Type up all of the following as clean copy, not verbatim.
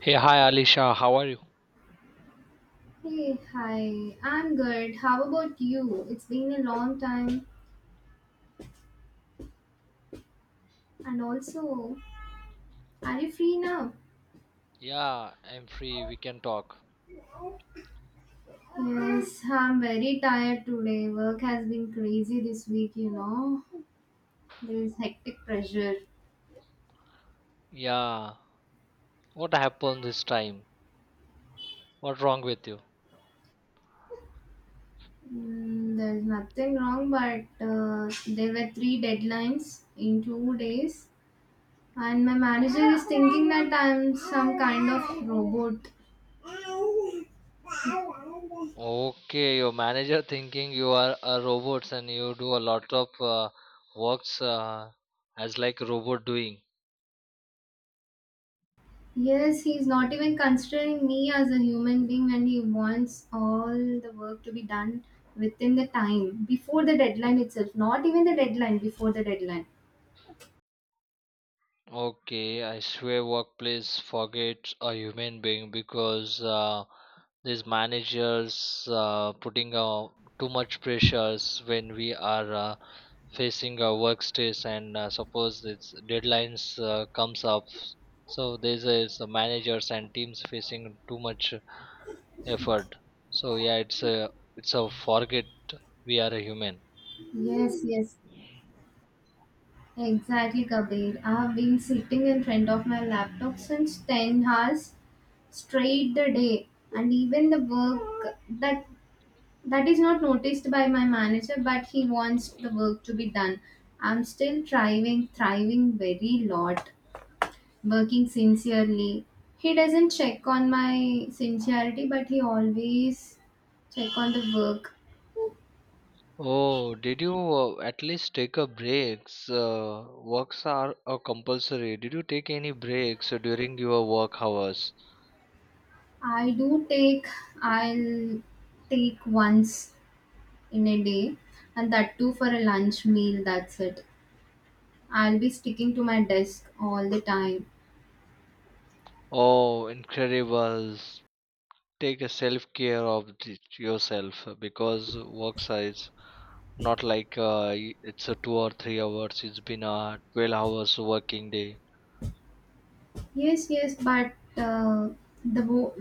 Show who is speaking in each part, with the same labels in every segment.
Speaker 1: Hey, hi Alisha, how are you?
Speaker 2: Hey, hi. I'm good. How about you? It's been a long time. And also, are you free now?
Speaker 1: Yeah, I'm free. We can talk.
Speaker 2: Yes, I'm very tired today. Work has been crazy this week, you know. There's hectic pressure.
Speaker 1: Yeah, what happened this time? What wrong with you?
Speaker 2: There's nothing wrong, but there were three deadlines in 2 days. And my manager is thinking that I'm some kind of robot.
Speaker 1: Okay, your manager thinking you are a robot and you do a lot of works as like robot doing.
Speaker 2: Yes, he's not even considering me as a human being and he wants all the work to be done within the time, before the deadline itself, not even the deadline, before the deadline.
Speaker 1: Okay, I swear workplace forget a human being because these managers putting too much pressures when we are facing a work stress and suppose it's deadlines comes up so there's a it's the managers and teams facing too much effort so yeah it's a forget we are a human.
Speaker 2: Yes, exactly, Kabir. I've been sitting in front of my laptop since 10 hours straight the day, and even the work that is not noticed by my manager, but he wants the work to be done. I'm still thriving very lot, working sincerely. He doesn't check on my sincerity, but he always check on the work.
Speaker 1: Oh, did you at least take a breaks? Works are compulsory. Did you take any breaks during your work hours?
Speaker 2: I do take, I'll take once in a day, and that too for a lunch meal. That's it. I'll be sticking to my desk all the time.
Speaker 1: Oh, incredible. Take a self care of yourself because work size, not like it's a 2 or 3 hours, it's been a 12 hours working day.
Speaker 2: Yes, yes, but the wo-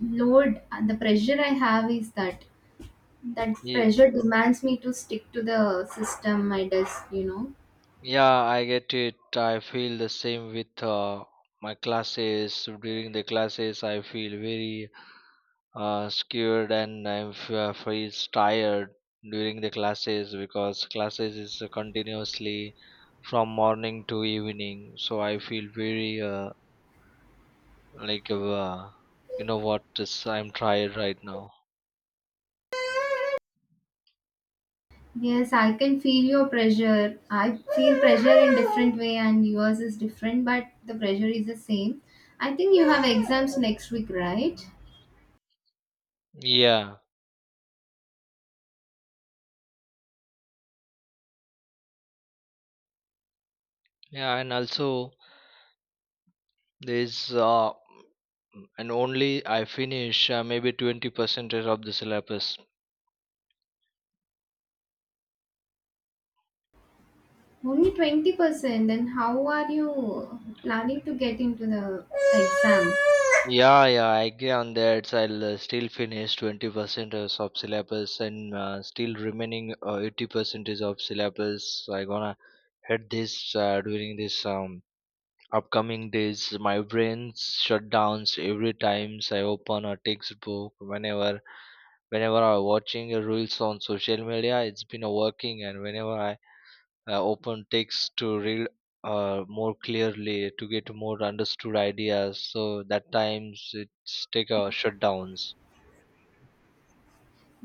Speaker 2: load, the pressure I have is that
Speaker 1: Ye-
Speaker 2: pressure demands me to stick to the system, my desk, you know.
Speaker 1: yeah I get it, I feel the same with my classes. During the classes I feel very scared and I feel tired during the classes, because classes is continuously from morning to evening, so I feel very like you know what, this I'm tired right now.
Speaker 2: Yes, I can feel your pressure. I feel pressure in different way and yours is different, but the pressure is the same. I think you have exams next week, right?
Speaker 1: Yeah, yeah, and also there's and only I finish maybe 20% of the syllabus.
Speaker 2: Only 20%, then how are you planning to get into the exam?
Speaker 1: Yeah, yeah, I agree on that. I'll still finish 20% of syllabus and still remaining 80% is of syllabus. So I gonna hit this during this upcoming days. My brain shut downs every times I open a textbook. Whenever I watching reels on social media, it's been working, and whenever I open text to read more clearly to get more understood ideas, so that times it's take a shutdowns.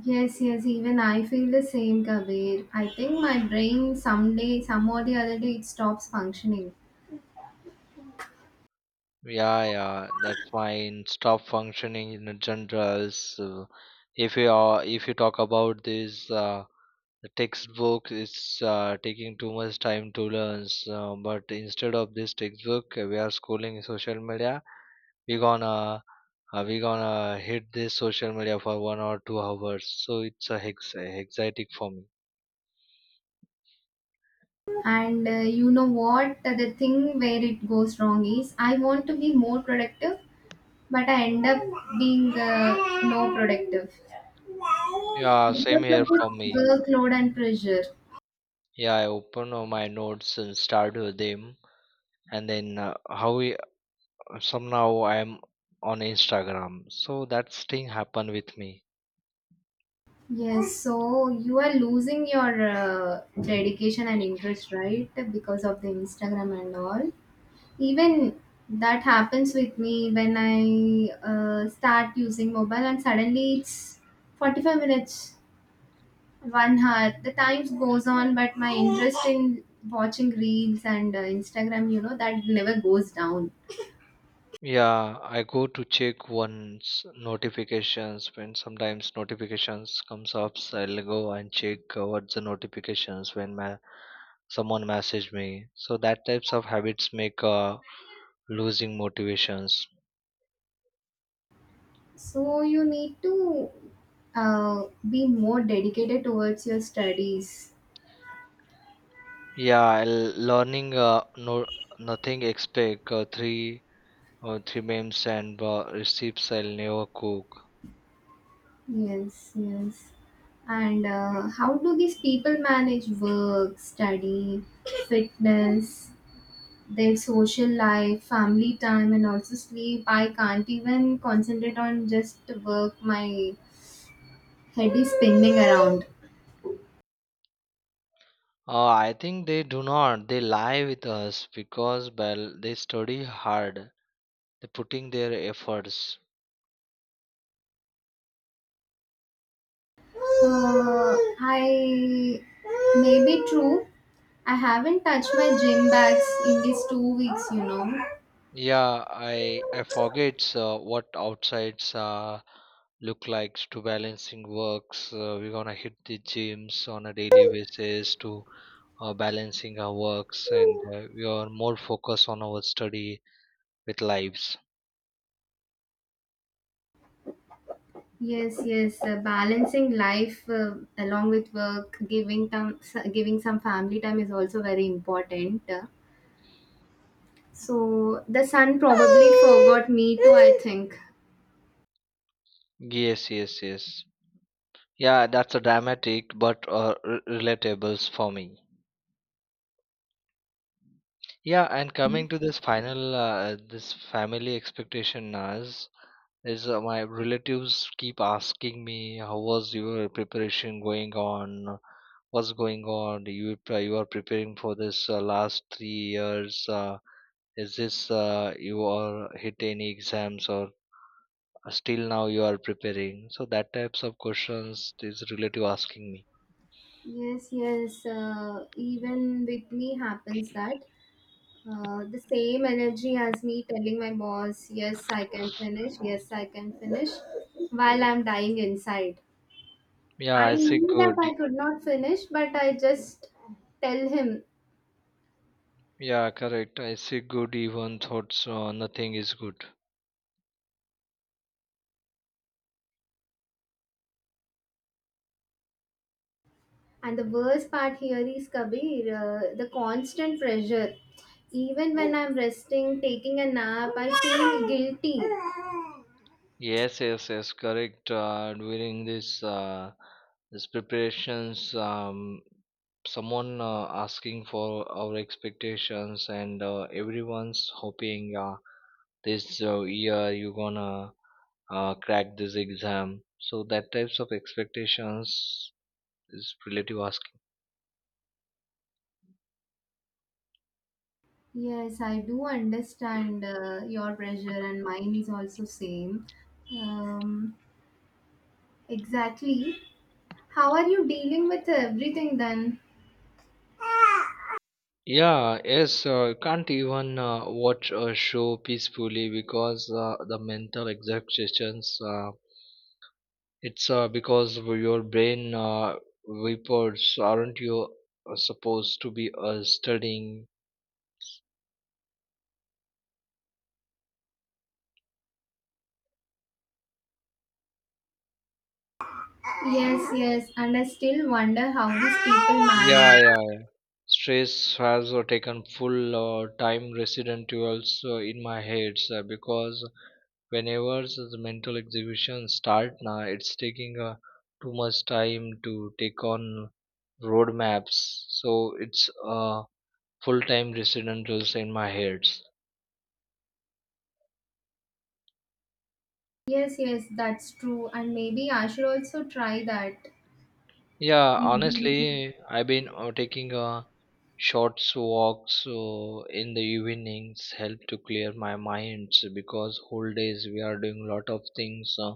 Speaker 2: Yes, yes, even I feel the same, Kabir. I think my brain someday, some or the other day, it stops functioning.
Speaker 1: Yeah, yeah, that's fine, stop functioning in the generals. uh, if you are, if you talk about this the textbook is taking too much time to learn, so, but instead of this textbook we are schooling social media, we gonna we gonna hit this social media for 1 or 2 hours, so it's a hex exciting for me.
Speaker 2: And you know what? The thing where it goes wrong is I want to be more productive, but I end up being no productive
Speaker 1: Yeah, same
Speaker 2: because of
Speaker 1: here from
Speaker 2: this
Speaker 1: me.
Speaker 2: workload and pressure.
Speaker 1: Yeah, I open my notes and start with them, and then how we somehow I'm on Instagram, so that thing happened with me.
Speaker 2: Yes, so you are losing your dedication and interest, right? Because of the Instagram and all. Even that happens with me when I start using mobile, and suddenly it's 45 minutes, one hour. The time goes on, but my interest in watching reels and Instagram, you know, that never goes down.
Speaker 1: Yeah, I go to check one's notifications when sometimes notifications comes up, so I'll go and check what's the notifications when my someone message me, so that types of habits make losing motivations.
Speaker 2: So you need to uh, be more dedicated towards your studies.
Speaker 1: Yeah, learning no nothing expect three memes and recipes I'll never cook.
Speaker 2: Yes, yes. And how do these people manage work, study, fitness, their social life, family time, and also sleep? I can't even concentrate on just work. My head is spinning around.
Speaker 1: I think they do not, they lie with us, because well they study hard, they putting their efforts.
Speaker 2: I Maybe true. I haven't touched my gym bags in these 2 weeks, you know.
Speaker 1: Yeah, I forgets what outsides look like to balancing works. We're gonna hit the gyms on a daily basis to balancing our works, and we are more focused on our study with lives.
Speaker 2: Yes, yes. Balancing life along with work, giving time, giving some family time is also very important. So the son probably forgot me too, I think.
Speaker 1: Yes, yes, yes. Yeah, that's a dramatic but relatables for me. Yeah, and coming to this final, this family expectation, Naz, is my relatives keep asking me how was your preparation going on, what's going on, you are preparing for this last 3 years, is this you are hit any exams or still now you are preparing, so that types of questions this relative asking me.
Speaker 2: Yes. Even with me happens that the same energy as me telling my boss, yes, I can finish. Yes, I can finish, while I'm dying inside.
Speaker 1: Yeah, I
Speaker 2: I
Speaker 1: say
Speaker 2: knew that
Speaker 1: good.
Speaker 2: I could not finish, but I just tell him.
Speaker 1: Yeah, correct, I say good even thoughts nothing is good.
Speaker 2: And the worst part here is Kabir, the constant pressure. Even when I'm resting, taking a nap, I feel guilty.
Speaker 1: Yes, yes, yes, correct. During this this preparations, someone asking for our expectations, and everyone's hoping this year you gonna crack this exam. So that types of expectations is relative asking.
Speaker 2: Yes, I do understand your pressure, and mine is also same. Um, exactly. How are you dealing with everything then?
Speaker 1: Yeah, yes, can't even watch a show peacefully, because the mental exertions it's because of your brain vapors. Aren't you supposed to be studying?
Speaker 2: Yes, yes, and I still wonder how these people
Speaker 1: Yeah,
Speaker 2: manage.
Speaker 1: yeah, yeah. Stress has taken full time resident also in my head, sir, because whenever the mental exhibition start now, it's taking too much time to take on roadmaps. So it's full time resident also in my head.
Speaker 2: Yes, yes, that's true, and maybe I should also try that.
Speaker 1: Yeah,
Speaker 2: Dealing
Speaker 1: honestly, I've been taking short walks so in the evenings, help to clear my mind, so because whole days we are doing a lot of things,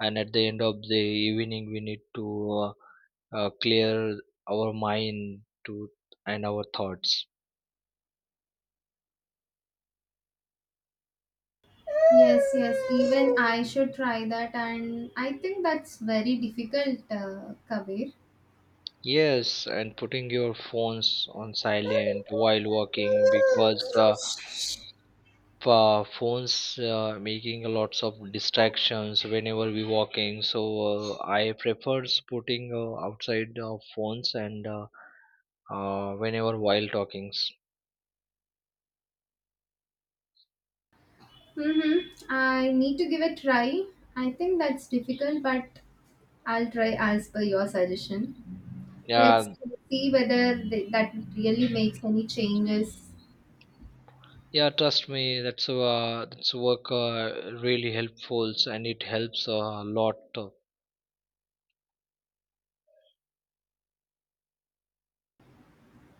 Speaker 1: and at the end of the evening we need to clear our mind to and our thoughts.
Speaker 2: Yes, yes, even I should try that, and I think that's very difficult, Kabir.
Speaker 1: Yes, and putting your phones on silent while walking, because phones making lots of distractions whenever we walking, so I prefer putting outside phones and whenever while talkings.
Speaker 2: Mm-hmm. I need to give a try. I think that's difficult, but I'll try as per your suggestion. Let's
Speaker 1: Yeah,
Speaker 2: see whether that really makes any changes.
Speaker 1: yeah, trust me, that's work really helpful and it helps a lot.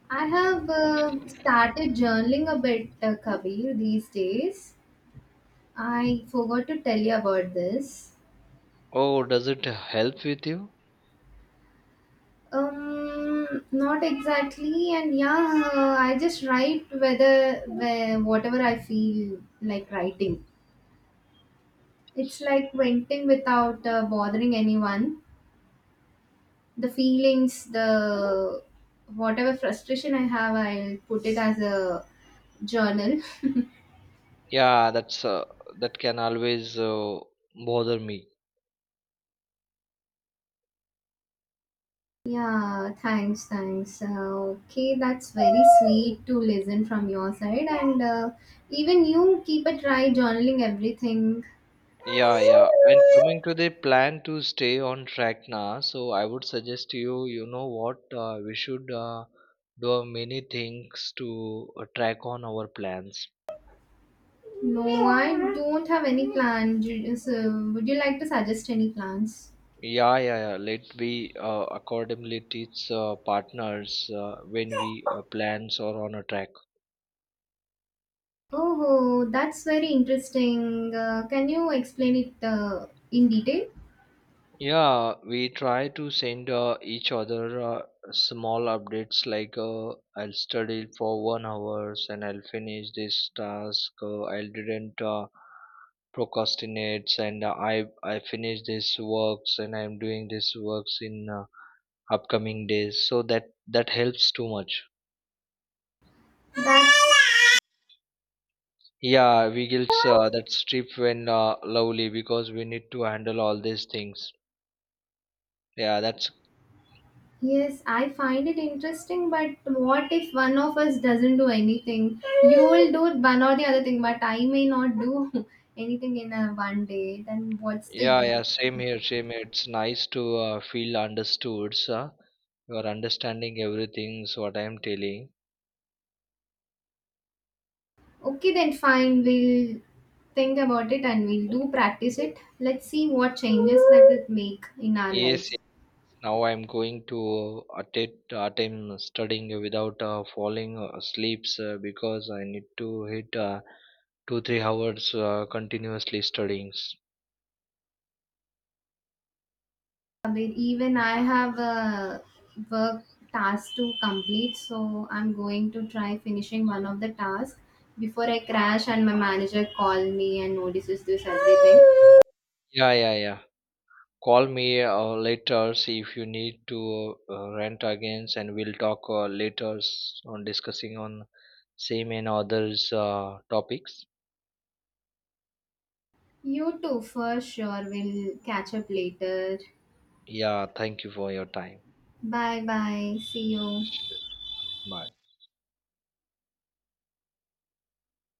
Speaker 2: I have started journaling a bit, Kabir, these days. I forgot to tell you about this.
Speaker 1: Oh, does it help with you?
Speaker 2: Not exactly, and yeah, I just write whatever I feel like writing. It's like venting without bothering anyone. The feelings, the whatever frustration I have, I'll put it as a journal.
Speaker 1: Yeah, that's that can always bother me.
Speaker 2: Yeah, thanks. Okay, that's very sweet to listen from your side, and even you keep a try journaling everything.
Speaker 1: Yeah, yeah. And coming to the plan to stay on track now, so I would suggest to you, you know what, we should do many things to track on our plans.
Speaker 2: No, I don't have any plan. So, would you like to suggest any plans?
Speaker 1: Yeah, yeah, yeah. Let we accordingly teach partners when we plans are on a track.
Speaker 2: Oh, that's very interesting. Can you explain it in detail?
Speaker 1: Yeah, we try to send each other small updates like I'll study for 1 hours and I'll finish this task. I didn't procrastinate and I finish this works and I'm doing this works in upcoming days. So that helps too much.
Speaker 2: That
Speaker 1: Yeah, we gets that strip when lovely, because we need to handle all these things. Yeah, that's,
Speaker 2: Yes, I find it interesting. But what if one of us doesn't do anything? You will do one or the other thing, but I may not do anything in a one day. Then what's the
Speaker 1: yeah,
Speaker 2: use?
Speaker 1: yeah, same here, same here. It's nice to feel understood, sir. You are understanding everything, so what I am telling.
Speaker 2: Okay, then fine. We'll think about it and we'll do practice it. Let's see what changes that it make in our
Speaker 1: Yes,
Speaker 2: lives.
Speaker 1: yes, now I am going to attempt studying without falling asleep, sir, because I need to hit two, 3 hours continuously studying.
Speaker 2: Bit. Even I have a work task to complete, so I'm going to try finishing one of the tasks before I crash and my manager call me and notices this everything.
Speaker 1: Yeah, yeah, yeah. Call me later, see if you need to rant again, and we'll talk later on discussing on same and others topics.
Speaker 2: You too, for sure. We'll catch up later.
Speaker 1: Yeah, thank you for your time.
Speaker 2: Bye bye. See you.
Speaker 1: Bye.